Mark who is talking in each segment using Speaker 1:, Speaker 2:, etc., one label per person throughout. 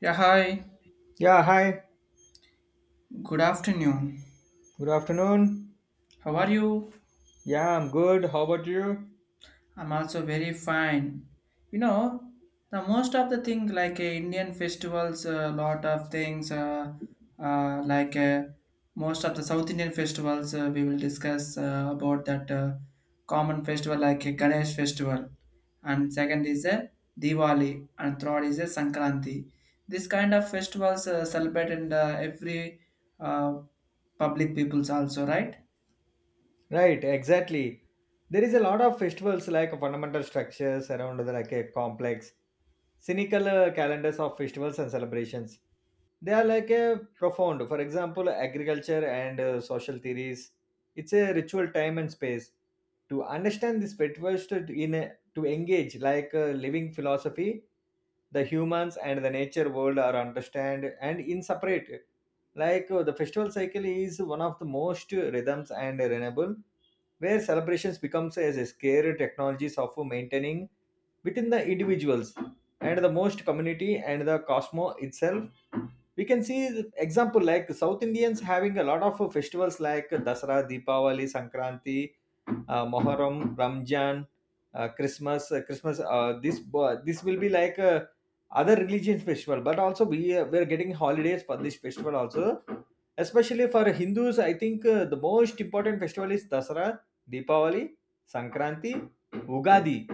Speaker 1: Yeah, hi.
Speaker 2: Yeah, hi.
Speaker 1: Good afternoon.
Speaker 2: Good afternoon.
Speaker 1: How are you?
Speaker 2: Yeah, I'm good. How about you?
Speaker 1: I'm also very fine. You know, the most of the thing like Indian festivals, a lot of things uh, like uh, most of the South Indian festivals we will discuss about that common festival like Ganesh festival, and second is a Diwali, and third is a Sankranti. This kind of festivals celebrated in the every uh, public peoples also, right?
Speaker 2: Right, exactly. There is a lot of festivals like fundamental structures around the like a complex, cynical calendars of festivals and celebrations. They are like a profound. For example, agriculture and social theories. It's a ritual time and space. To understand this festivals to in a, to engage like a living philosophy, the humans and the nature world are understand and inseparable. The festival cycle is one of the most rhythms and renewable, where celebrations becomes as a scare technologies of maintaining within the individuals and the most community and the cosmo itself. We can see the example like South Indians having a lot of festivals like Dasara, Deepavali, Sankranti, Muharram, Ramjan, uh, Christmas. This will be like other religions festival, but also we're getting holidays for this festival also. Especially for Hindus, I think the most important festival is Dasara, Deepavali, Sankranti, Ugadi,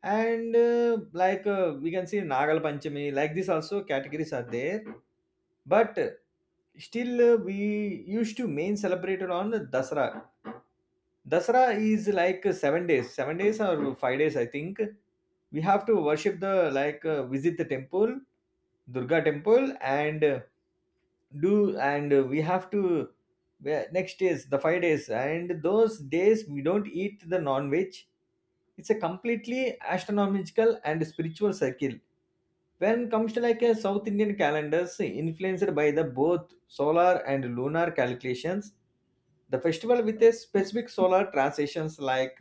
Speaker 2: and we can see Nagal Panchami. Like this, also categories are there, but still we used to main celebrate it on Dasara. Dasara is like 7 days, or 5 days, I think. We have to worship the visit the temple, Durga temple, and do and we have to yeah, next days the 5 days and those days we don't eat the non-veg. It's a completely astronomical and spiritual cycle. When comes to like a South Indian calendars influenced by the both solar and lunar calculations, the festival with a specific solar transitions like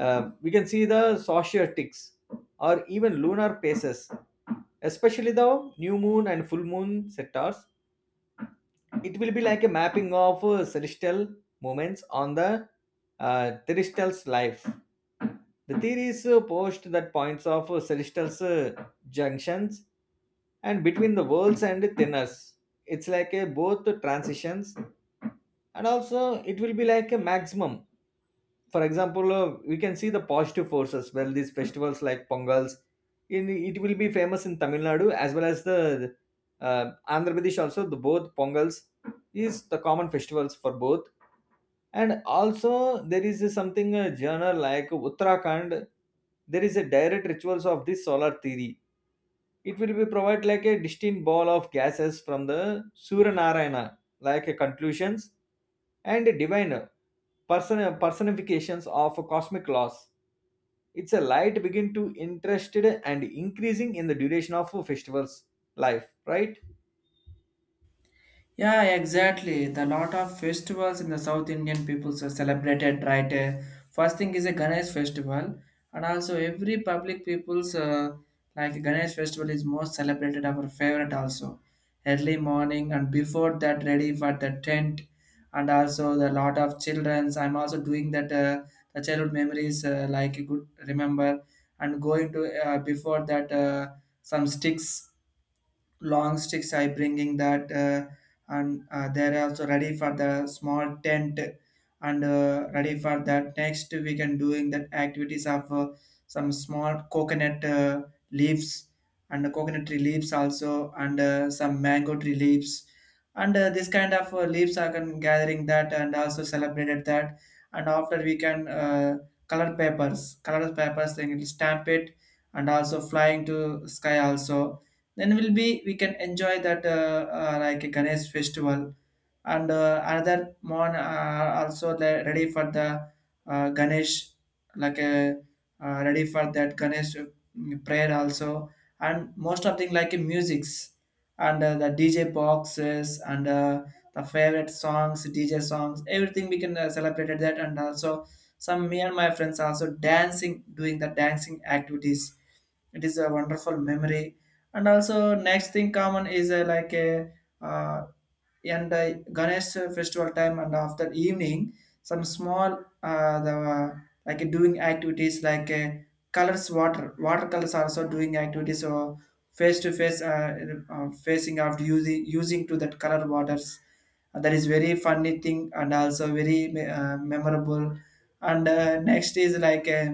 Speaker 2: we can see the societics or even lunar phases, especially the new moon and full moon sectors. It will be like a mapping of celestial movements on the terrestrial's life. The theories post that points of celestial's junctions and between the worlds and thinners, it's like a both transitions, and also it will be like a maximum. For example, we can see the positive forces. Well, these festivals like pongals, in it will be famous in Tamil Nadu as well as the uh, Andhra Pradesh also. The both pongals is the common festivals for both, and also there is a something a journal like Uttarakhand. There is a direct rituals of this solar theory. It will be provide like a distinct ball of gases from the Surya Narayana, like a conclusions and divine personifications of cosmic laws. It's a light begin to interested and increasing in the duration of a festivals life, right?
Speaker 1: Yeah, exactly. The lot of festivals in the South Indian peoples are celebrated, right? First thing is a Ganesh festival, and also every public people's like Ganesh festival is most celebrated our favorite also. Early morning and before that, ready for the tent, and also the lot of childrens. I'm also doing that the childhood memories like good remember and going to before that some sticks long sticks I bringing that and they're also ready for the small tent and ready for that next we can doing that activities of some small coconut leaves and coconut tree leaves also and some mango tree leaves and this kind of leaves are can gathering that and also celebrated that. And after we can color papers then stamp it and also flying to sky also, then will be we can enjoy that like a Ganesh festival. And another one also the ready for the Ganesh like a ready for that Ganesh prayer also. And most of thing like a musics and the DJ boxes and the favorite songs DJ songs, everything we can celebrate that. And also some me and my friends also dancing doing the dancing activities. It is a wonderful memory. And also next thing common is like a uh, and ganesh festival time and after evening some small the like doing activities like colors water watercolors also doing activities, or face to face facing after using to that color waters. That is very funny thing and also very memorable. And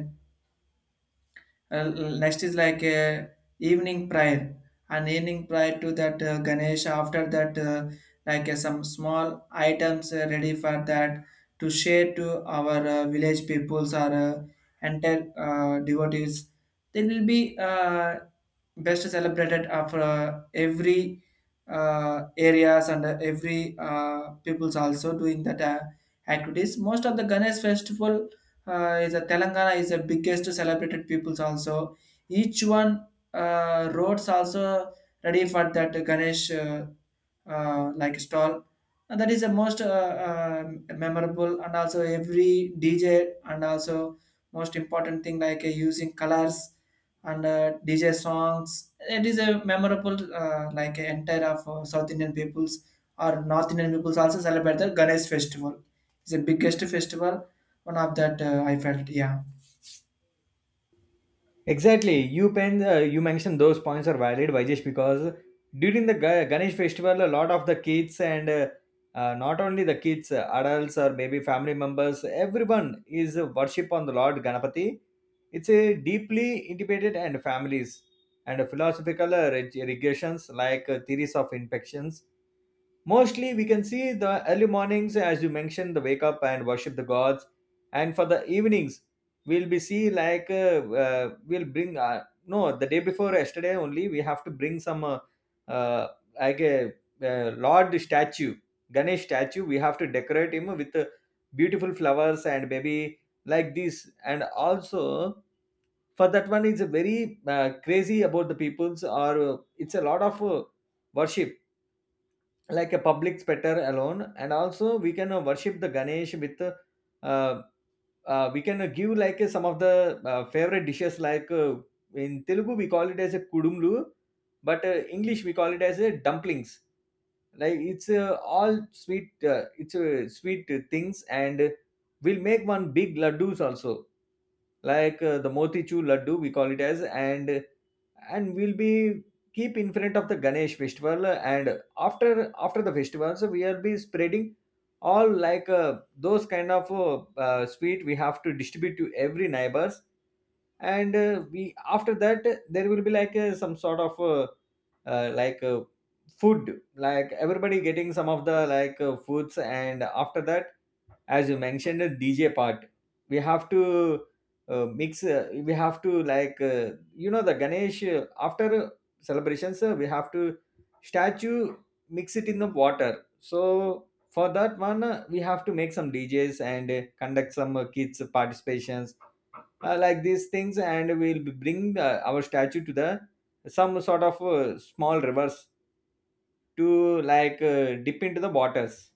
Speaker 1: uh, next is like evening prayer and evening prayer to that ganesh. After that some small items ready for that to share to our village peoples or entire devotees. There will be best celebrated after every areas and every people's also doing that activities. Most of the ganesh festival is a telangana is the biggest celebrated people's also. Each one roads also ready for that ganesh like stall, and that is the most memorable, and also every dj. And also most important thing like using colors and dj songs, it is a memorable entire of south indian peoples or north indian peoples also celebrate the ganesh festival. It's the biggest festival, one of that I felt, yeah.
Speaker 2: Exactly. You pen, you mentioned those points are valid, Vajesh, because during the Ganesh festival, a lot of the kids and not only the kids, adults or maybe family members, everyone is worship on the Lord Ganapati. It's a deeply integrated and families and philosophical regressions like theories of infections. Mostly, we can see the early mornings, as you mentioned, the wake up and worship the gods, and for the evenings, we'll be see like we'll bring no, the day before yesterday only we have to bring some uh, like a Lord statue, Ganesh statue. We have to decorate him with beautiful flowers and maybe like this, and also for that one it's a very crazy about the peoples, or it's a lot of worship like a public specter alone, and also we can worship the Ganesh with we can give like some of the favorite dishes like in Telugu we call it as a kudumlu, but English we call it as a dumplings. Like it's all sweet, it's sweet things, and we'll make one big laddus also, like the motichur laddu we call it as. And and we'll be keep in front of the Ganesh festival, and after the festivals we'll be spreading all like those kind of sweet we have to distribute to every neighbors. And uh, we after that, there will be like some sort of uh, like uh, food, like everybody getting some of the like foods. And after that, as you mentioned the DJ part, we have to mix we have to like you know, the Ganesh after celebrations we have to statue mix it in the water. So for that one we have to make some DJs and conduct some kids participations, like these things, and we'll bring our statue to the some sort of small rivers to like dip into the waters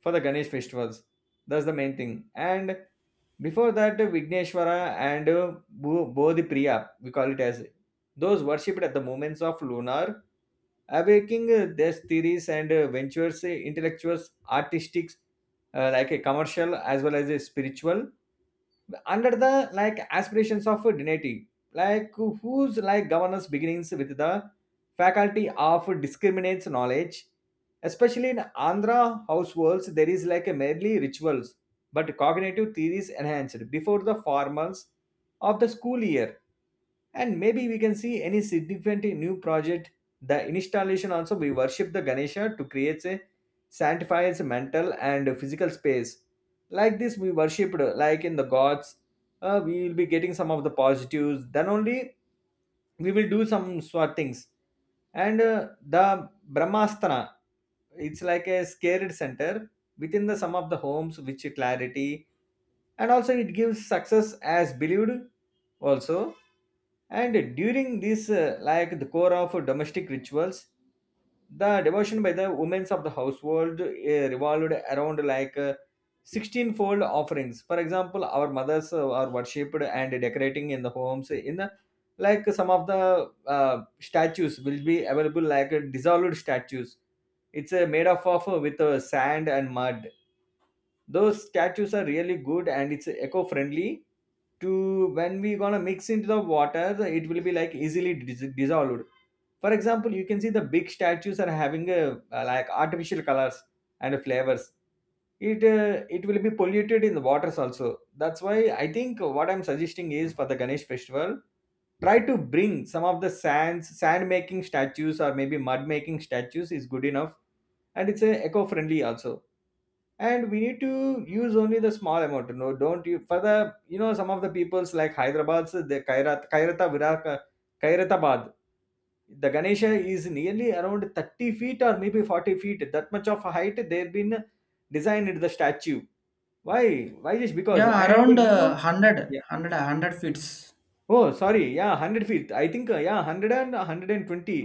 Speaker 2: for the Ganesh festivals. That's the main thing. And before that, Vigneshwara and uh, Bodhi Priya, we call it as those worshipped at the moments of lunar awaking their theories and ventures, intellectuals, artistics, like a commercial as well as a spiritual under the like aspirations of dignity, like whose like governance begins with the faculty of discriminates knowledge, especially in Andhra households. There is like a merely rituals but cognitive theories enhanced before the formals of the school year, and maybe we can see any significant new project. The installation also, we worship the Ganesha to create a sanctifies mental and physical space. Like this, we worshipped like in the gods. We will be getting some of the positives, then only we will do some sort things. And the brahmastana, it's like a scared center within the some of the homes which clarity, and also it gives success as believed also. And during this like the core of domestic rituals, the devotion by the women of the household revolved around like 16 fold offerings. For example, our mothers are worshipped and decorating in the homes in the like some of the statues will be available, like dissolved statues. It's made up of with sand and mud. Those statues are really good and it's eco-friendly to when we gonna mix into the water, it will be like easily dissolved. For example, you can see the big statues are having a, like artificial colors and flavors. It will be polluted in the waters also. That's why I think what I'm suggesting is for the Ganesh festival, try to bring some of the sand making statues, or maybe mud making statues is good enough, and it's a eco friendly also. And we need to use only the small amount. No, don't you for the, you know, some of the peoples like Hyderabad's the Kairatabad, the Ganesha is nearly around 30 feet or maybe 40 feet, that much of a height they've been designed the statue. Why? Why just because,
Speaker 1: Yeah,
Speaker 2: and
Speaker 1: around
Speaker 2: you know. Yeah,
Speaker 1: 100 feet.
Speaker 2: oh sorry, yeah, 100 feet I think, yeah, 100 and 120.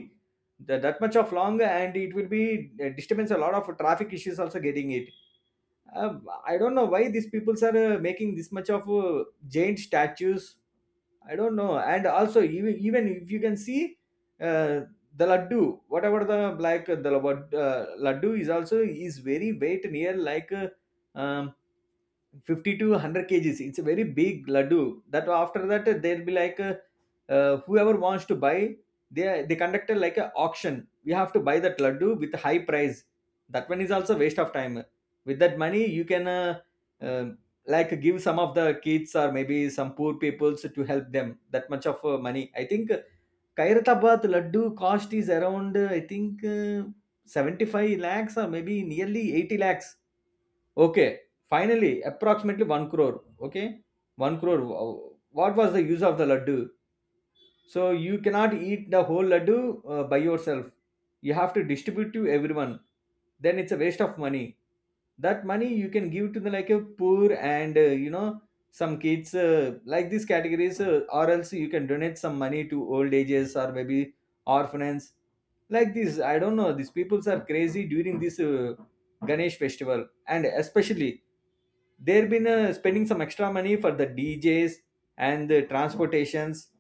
Speaker 2: The, that much of long, and it will be disturbance, a lot of traffic issues also getting it. I don't know why these peoples are making this much of giant statues. I don't know. And also, even if you can see uh, the laddu, whatever the like laddu is also is very weight near like um, 50 to 100 kgs. It's a very big laddu. That after that there'll be like whoever wants to buy, they conducted like a auction. We have to buy that laddu with a high price. That one is also waste of time. With that money you can uh, like give some of the kids or maybe some poor peoples to help them, that much of money. I think Kairathabad laddu cost is around, I think 75 lakhs or maybe nearly 80 lakhs. Okay, finally, approximately 1 crore. Okay, 1 crore. What was the use of the laddu? So you cannot eat the whole laddu by yourself. You have to distribute to everyone. Then it's a waste of money. That money you can give to the like a poor and, you know, some kids like these categories, or else you can donate some money to old ages or maybe orphanages like this. I don't know. These peoples are crazy during this Ganesh festival, and especially they've been spending some extra money for the DJs and the transportations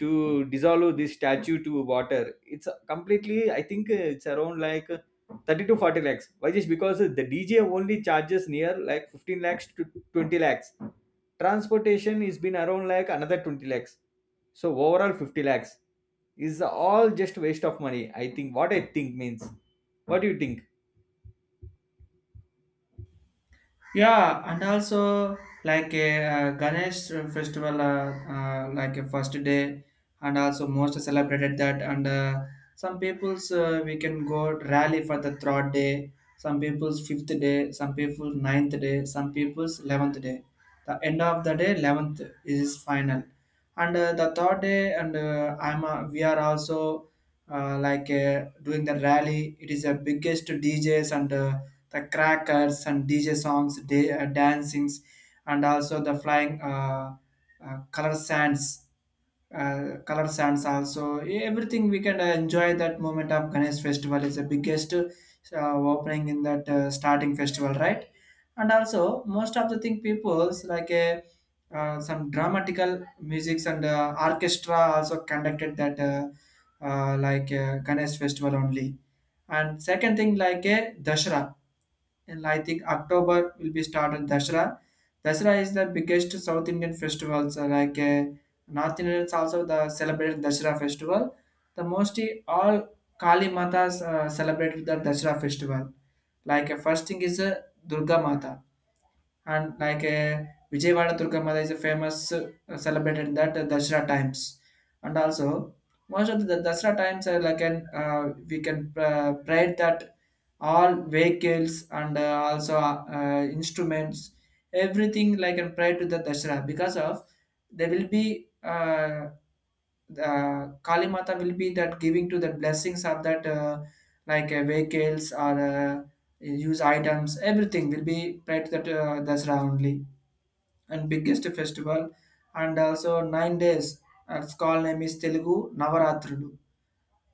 Speaker 2: to dissolve this statue to water. It's completely, I think it's around like 30 to 40 lakhs. Why just because the DJ only charges near like 15 lakhs to 20 lakhs, transportation is been around like another 20 lakhs, so overall 50 lakhs is all just waste of money. I think, what I think means, what do you think?
Speaker 1: Yeah, and also like a Ganesh festival, like a first day, and also most celebrated that. And some people's we can go rally for the third day, some people's fifth day, some people ninth day, some people's 11th day. The end of the day, 11th is final, and the third day, and I'm we are also doing the rally. It is the biggest DJs and the crackers and DJ songs, day, dancings, and also the flying uh, color sands, color sands also. Everything we can enjoy that moment of Ganesh festival is the biggest opening in that starting festival, right? And also most of the thing people's like a some dramatical musics and orchestra also conducted that Ganesh festival only. And second thing like a Dashra, and I think October will be started Dashra. Dashra is the biggest South Indian festival. So like North Indians also the celebrated Dashra festival. The mostly all Kali Matas celebrated the Dashra festival. Like first thing is Durga Mata, and like Vijayawada Durgama is a famous celebrated in that Dasra times, and also most of the Dasra times are like an we can pray that all vehicles and also instruments, everything like, and pray to the Dasra, because of there will be the Kali Mata will be that giving to the blessings of that vehicles or use items. Everything will be prayed to that Dasra only, and biggest festival. And also 9 days. Its call name is Telugu Navaratrudu,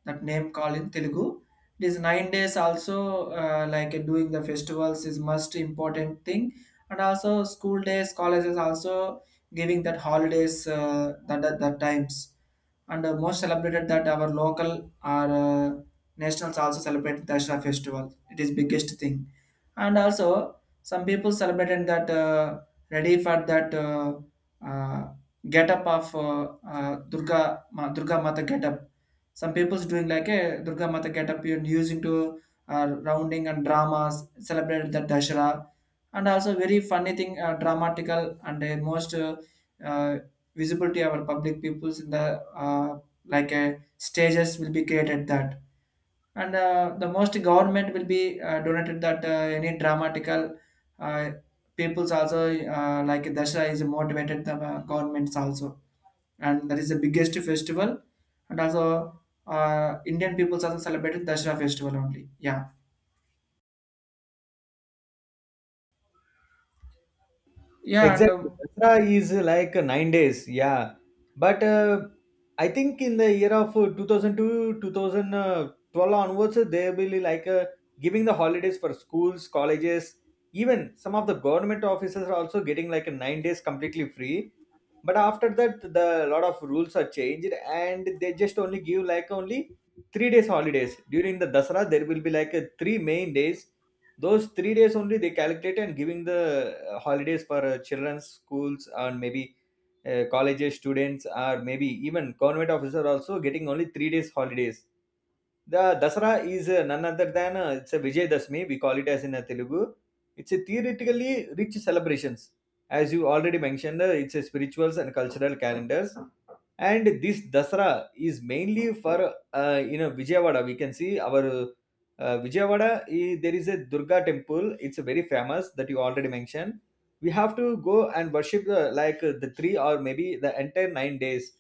Speaker 1: that name called in Telugu. It is 9 days also doing the festivals is most important thing, and also school days colleges also giving that holidays that times, and most celebrated that our local or nationals also celebrate Dashra festival. It is biggest thing. And also some people celebrated that ready for that uh, get up of uh, Durga Durga Mata get up. Some people's doing like a Durga Mata get up and using to rounding and dramas celebrated the Dashara, and also very funny thing dramatical and most uh, visible to our public peoples in the stages will be created that. And the most government will be donated that any dramatical uh, peoples also like Dashara is motivated the governments also, and that is the biggest festival. And also indian people also celebrated dashra festival only, yeah, yeah. and
Speaker 2: Exactly. Dasra is like 9 days. Yeah. But I think in the year of 2002, 2012 onwards, they will be like giving the holidays for schools, colleges, even some of the government offices are also getting like a 9 days completely free. But after that, the lot of rules are changed and they just only give like only 3 days holidays. During the Dasra, there will be like a three main days, those 3 days only they calculate and giving the holidays for children's schools and maybe colleges students or maybe even government officer also getting only 3 days holidays. The dasara is none other than it's a vijay dasmi, we call it as in telugu. It's a theoretically rich celebrations. As you already mentioned, it's a spirituals and cultural calendars. And this Dasara is mainly for you know, Vijayawada. We can see our Vijayawada. There is a Durga temple. It's very famous that you already mentioned. We have to go and worship the, like the three or maybe the entire 9 days.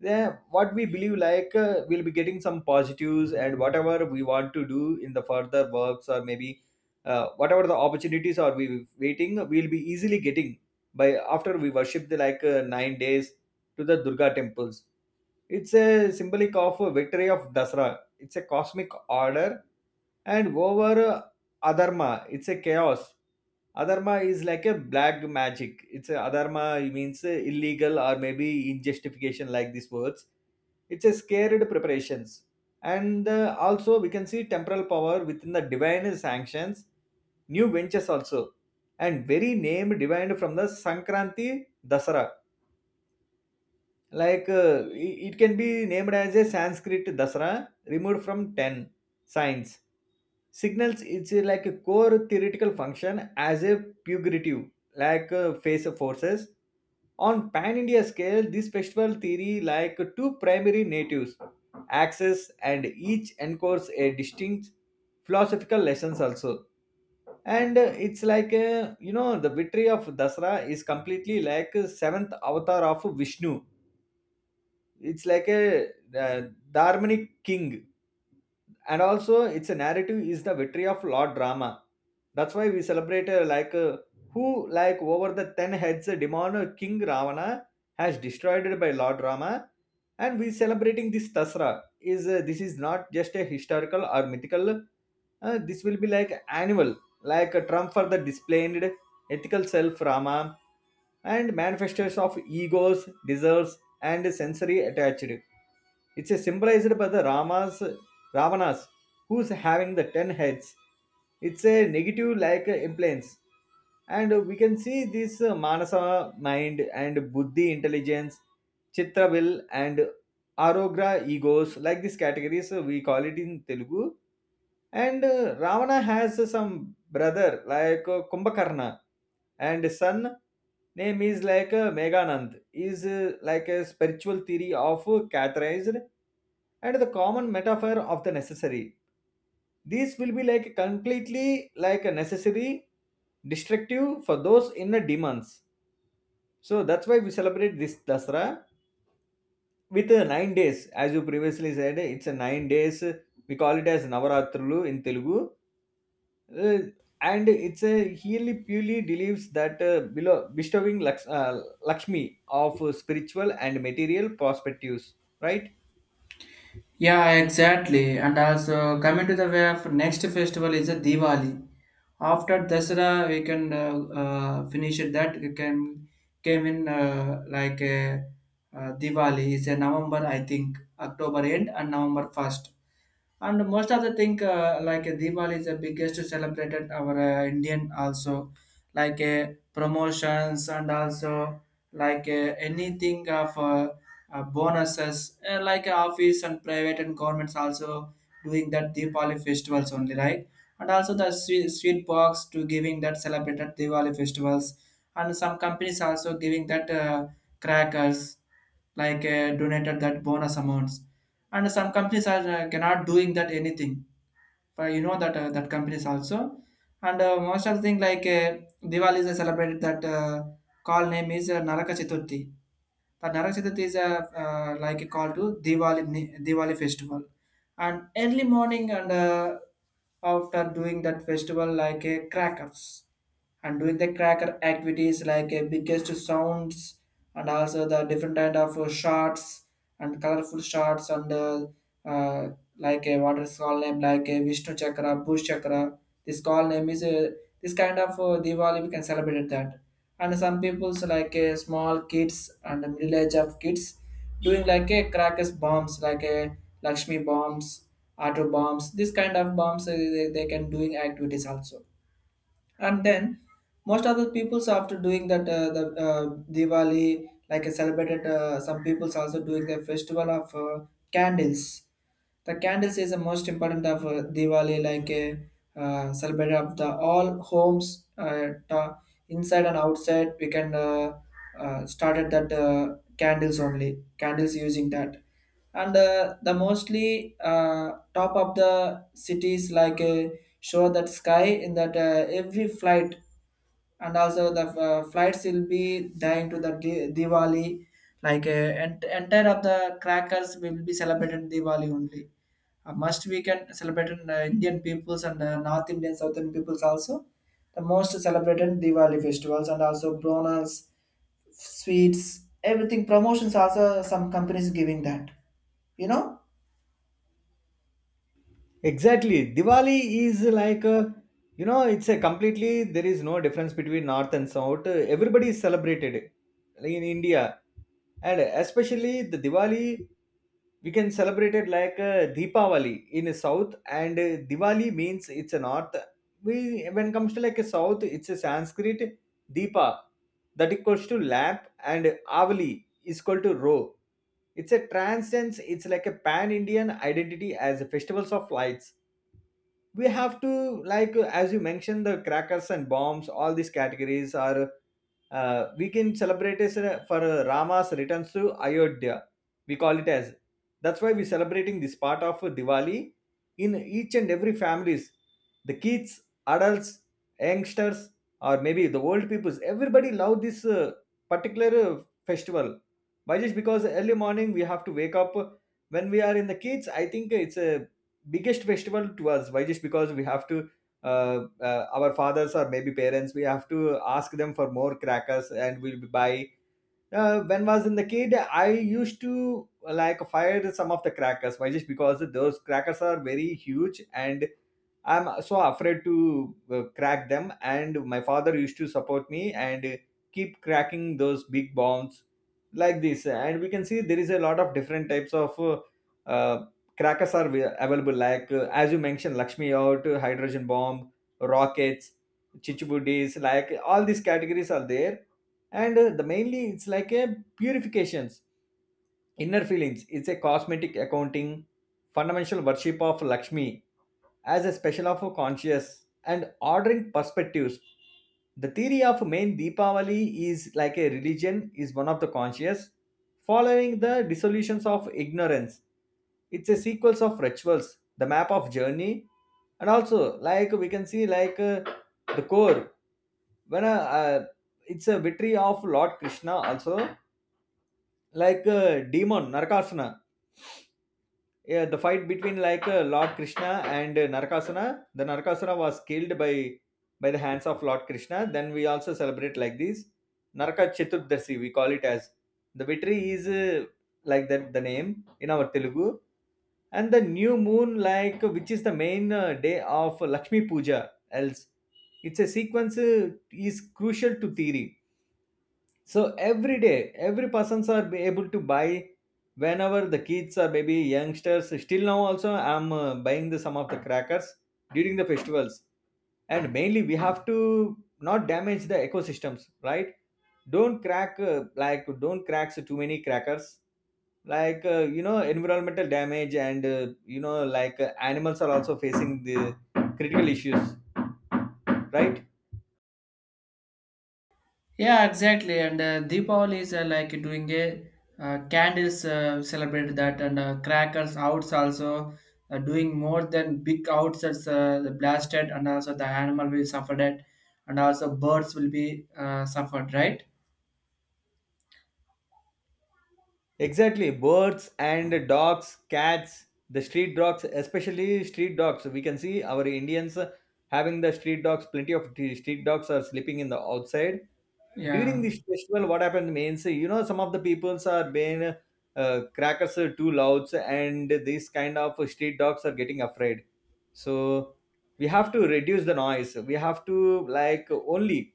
Speaker 2: Then what we believe like we'll be getting some positives and whatever we want to do in the further works, or maybe whatever the opportunities are we waiting, we'll be easily getting by after we worship the like 9 days to the Durga temples. It's a symbolic of a victory of Dasara. It's a cosmic order and over Adharma. It's a chaos. Adharma is like a black magic. It's a Adharma means illegal or maybe injustification, like these words. It's a scared preparations. And also we can see temporal power within the divine sanctions, new ventures also. And very name divined from the Sankranti Dasara, like it can be named as a sanskrit dasara removed from 10 signs, signals. It's like a core theoretical function as a pugnative, like face of forces. On pan india scale, this festival theory like two primary natives axes, and each encores a distinct philosophical lessons also. And it's like you know, the victory of dasara is completely like a seventh avatar of vishnu. It's like a Dharmanic king. And also it's a narrative is the victory of lord drama. That's why we celebrate, like who like over the 10 heads, demon king ravana has destroyed it by lord rama. And we celebrating this tasra is, this is not just a historical or mythical, this will be like annual, like a trump for the displayed ethical self rama and manifestos of egos, desires, and sensory attached. It's a symbolized by the Rama's Ravanas, who's having the 10 heads. It's a negative like implants. And we can see this Manasa mind and Buddhi intelligence, Chitra will and Arogra egos, like these categories, we call it in Telugu. And Ravana has some brother like Kumbhakarna, and son name is like Meganand. Is like a spiritual theory of catheterized and the common metaphor of the necessary. These will be like completely like a necessary, destructive for those inner demons. So that's why we celebrate this Dasra with 9 days, as you previously said. It's a 9 days. We call it as Navaratralu in Telugu. uh, and it's a he purely believes that below, bestowing Laks, Lakshmi of spiritual and material perspectives, right?
Speaker 1: Yeah, exactly. And also coming to the way of next festival is a Diwali. After Dasara, we can finish it. That we can came in Diwali is a November, I think, October end and November 1st. And most of the thing Diwali is the biggest celebrated our Indian also, like promotions and also like anything of bonuses like office and private and governments also doing that Diwali festivals only, right? And also the sweet, sweet box to giving that celebrated Diwali festivals, and some companies also giving that crackers like donated that bonus amounts, and some companies are cannot doing that anything. But you know that that companies also, and most of the thing like Diwali is celebrated that call name is Naraka Chaturthi. The Narak Chaturthi is a, like a call to Diwali festival, and early morning and after doing that festival like a crackers and doing the cracker activities like biggest sounds, and also the different kind of shots and colorful shots and uh, like a what is called name like a Vishnu Chakra, Bush Chakra. This call name is this kind of Diwali we can celebrate that. And some people's like small kids and the middle age of kids doing like a crackers bombs like a Lakshmi bombs, auto bombs. This kind of bombs they can doing activities also. And then most of the peoples after doing that the Diwali like a celebrated some peoples also doing the festival of candles. The candles is the most important of Diwali like a celebrate of the all homes inside and outside we can started that candles only candles using that. And the mostly top of the cities like show that sky in that every flight, and also the flights will be dying to the Diwali, like entire of the crackers will be celebrated Diwali only. Must we can celebrate in, Indian peoples and North Indian, Southern peoples also. The most celebrated Diwali festivals and also bonus, sweets, everything promotions also some companies giving that. You know
Speaker 2: Exactly. Diwali is like a, you know, it's a completely, there is no difference between North and South. Everybody is celebrated like in India. And especially the Diwali, we can celebrate it like Deepavali in South. And Diwali means it's a North. We, when it comes to like a South, it's a Sanskrit Deepa that equals to lamp, and Avali is equal to row. It's a transcends. It's like a pan Indian identity as a festivals of lights. We have to like as you mentioned the crackers and bombs, all these categories are, we can celebrate it for rama's returns to ayodhya, we call it as, that's why we're celebrating this part of diwali in each and every families. The kids, adults, youngsters, or maybe the old peoples, everybody love this particular festival. Why? Just because early morning we have to wake up. When we are in the kids, I think it's a biggest festival to us. Why just because we have to our fathers or maybe parents, we have to ask them for more crackers and we'll buy. When was in the kid, I used to like fire some of the crackers. Why just because those crackers are very huge and I'm so afraid to crack them, and my father used to support me and keep cracking those big bombs like this. And we can see there is a lot of different types of uh, crackers are available, like as you mentioned lakshmi out hydrogen bomb, rockets, chichibudis, like all these categories are there. And the mainly it's like a purifications, inner feelings. It's a cosmetic accounting, fundamental worship of lakshmi as a special of a conscious and ordering perspectives. The theory of main Deepavali is like a religion is one of the conscious, following the dissolutions of ignorance. It's a sequence of rituals, the map of journey, and also like we can see like the core. When it's a victory of Lord Krishna also, like demon Narakasana, yeah, the fight between like Lord Krishna and Narakasura. The Narakasura was killed by the hands of Lord Krishna. Then we also celebrate like this Naraka Chaturdashi. We call it as the victory is, like that the name in our Telugu. And the new moon, like which is the main day of Lakshmi Puja. Else, it's a sequence is crucial to theory, so every day, every persons are be able to buy whenever the kids or maybe youngsters. Still now also, I'm buying the some of the crackers during the festivals, and mainly we have to not damage the ecosystems, right? Don't crack, like don't cracks too many crackers, like you know, environmental damage, and you know, like animals are also facing the critical issues, right?
Speaker 1: Yeah, exactly. And Deepavali is like doing a candles celebrate that, and crackers outs also doing more than big outs, that's the blasted, and also the animal will suffer that, and also birds will be suffered, right?
Speaker 2: Exactly, birds and dogs, cats, the street dogs, especially street dogs. We can see our Indians having the street dogs. Plenty of street dogs are sleeping in the outside during
Speaker 1: Yeah,
Speaker 2: this festival. What happened means, you know, some of the peoples are being crackers are too loud, and these kind of street dogs are getting afraid. So we have to reduce the noise. We have to like only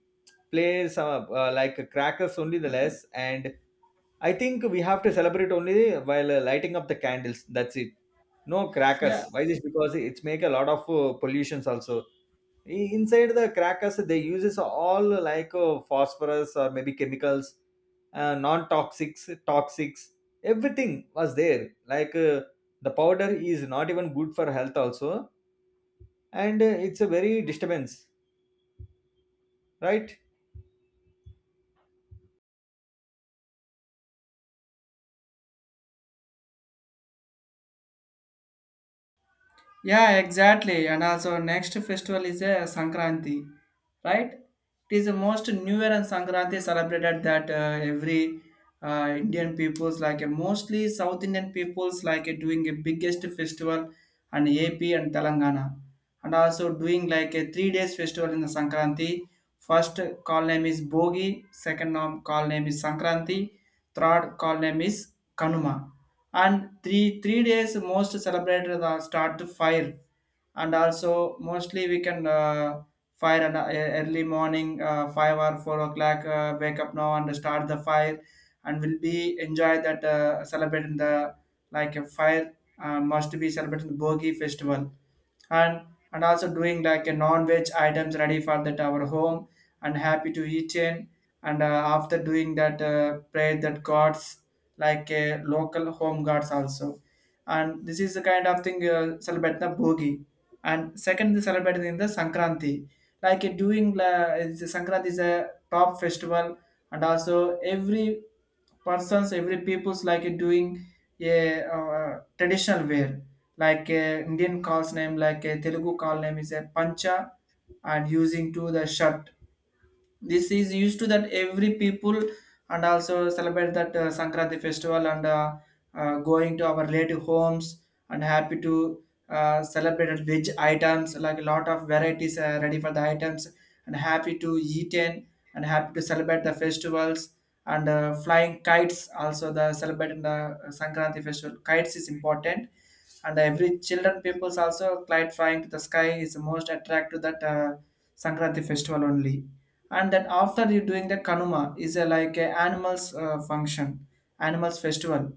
Speaker 2: play some like crackers only the less. And I think we have to celebrate only while lighting up the candles. That's it. No
Speaker 1: yeah.
Speaker 2: crackers. Why this? Because it's make a lot of pollutions also. Inside the crackers, they uses all like phosphorus or maybe chemicals, non-toxics, toxics. Everything was there. Like the powder is not even good for health also, and it's a very disturbance, right?
Speaker 1: Yeah, exactly. And also next festival is a Sankranti, right? It is the most New Year, and Sankranti celebrated that every Indian peoples like mostly South Indian peoples like doing a biggest festival, and AP and Telangana, and also doing like a 3 days festival in the Sankranti. First call name is Bogi, second call name is Sankranti, third call name is Kanuma, and three three days most celebrated the start the fire, and also mostly we can fire and early morning 5 or 4 o'clock wake up now and start the fire, and will be enjoy that celebrating the like a fire must be celebrating the Bogi festival. And and also doing like a non-veg items ready for that our home, and happy to eat in, and after doing that pray that gods like a local home guards also, and this is the kind of thing celebrate the Bogi. And second they celebrate in the Sankranti, like during the Sankranti is a top festival, and also every persons every people's like doing a traditional wear like Indian calls name like a Telugu call name is a pancha, and using to the shirt. This is used to that every people, and also celebrate that sankranti festival, and going to our relative homes, and happy to celebrate veg items like a lot of varieties ready for the items, and happy to eat in, and happy to celebrate the festivals, and flying kites also the celebrating the sankranti festival, kites is important, and every children peoples also kite flying to the sky is most attracted to that sankranti festival only. And that after you doing that kanuma is a, like a animals function, animals festival,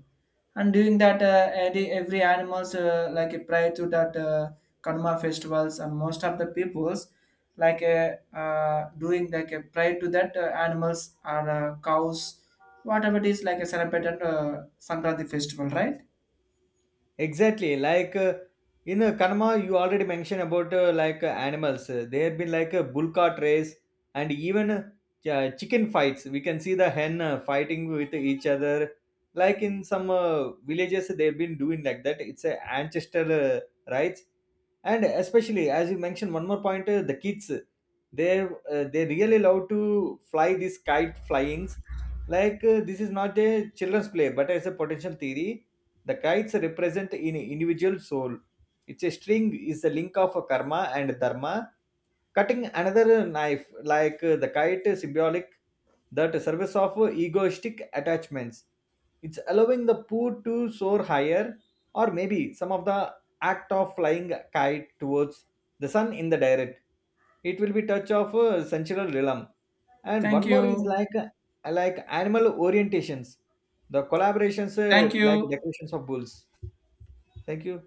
Speaker 1: and during that every animals pray to that kanuma festivals, and most of the peoples like doing like a pray to that animals or cows, whatever it is, like a celebrated sankranti festival, right?
Speaker 2: Exactly, like in Kanma, you already mentioned about like animals. There have been like a bull cart race and even chicken fights. We can see the hen fighting with each other. Like in some villages, they've been doing like that. It's a ancestor rights. And especially as you mentioned one more point, the kids, they really love to fly these kite flyings. Like this is not a children's play, but as a potential theory, the kites represent in individual soul. It's a string is a link of a karma and dharma. Cutting another knife, like the kite, is symbolic that service of egoistic attachments. It's allowing the poor to soar higher, or maybe some of the act of flying a kite towards the sun in the direct. It will be touch of sensual realm. And
Speaker 1: Thank
Speaker 2: one more is
Speaker 1: you.
Speaker 2: like animal orientations, the collaborations
Speaker 1: Thank
Speaker 2: like
Speaker 1: you.
Speaker 2: decorations of bulls. Thank you.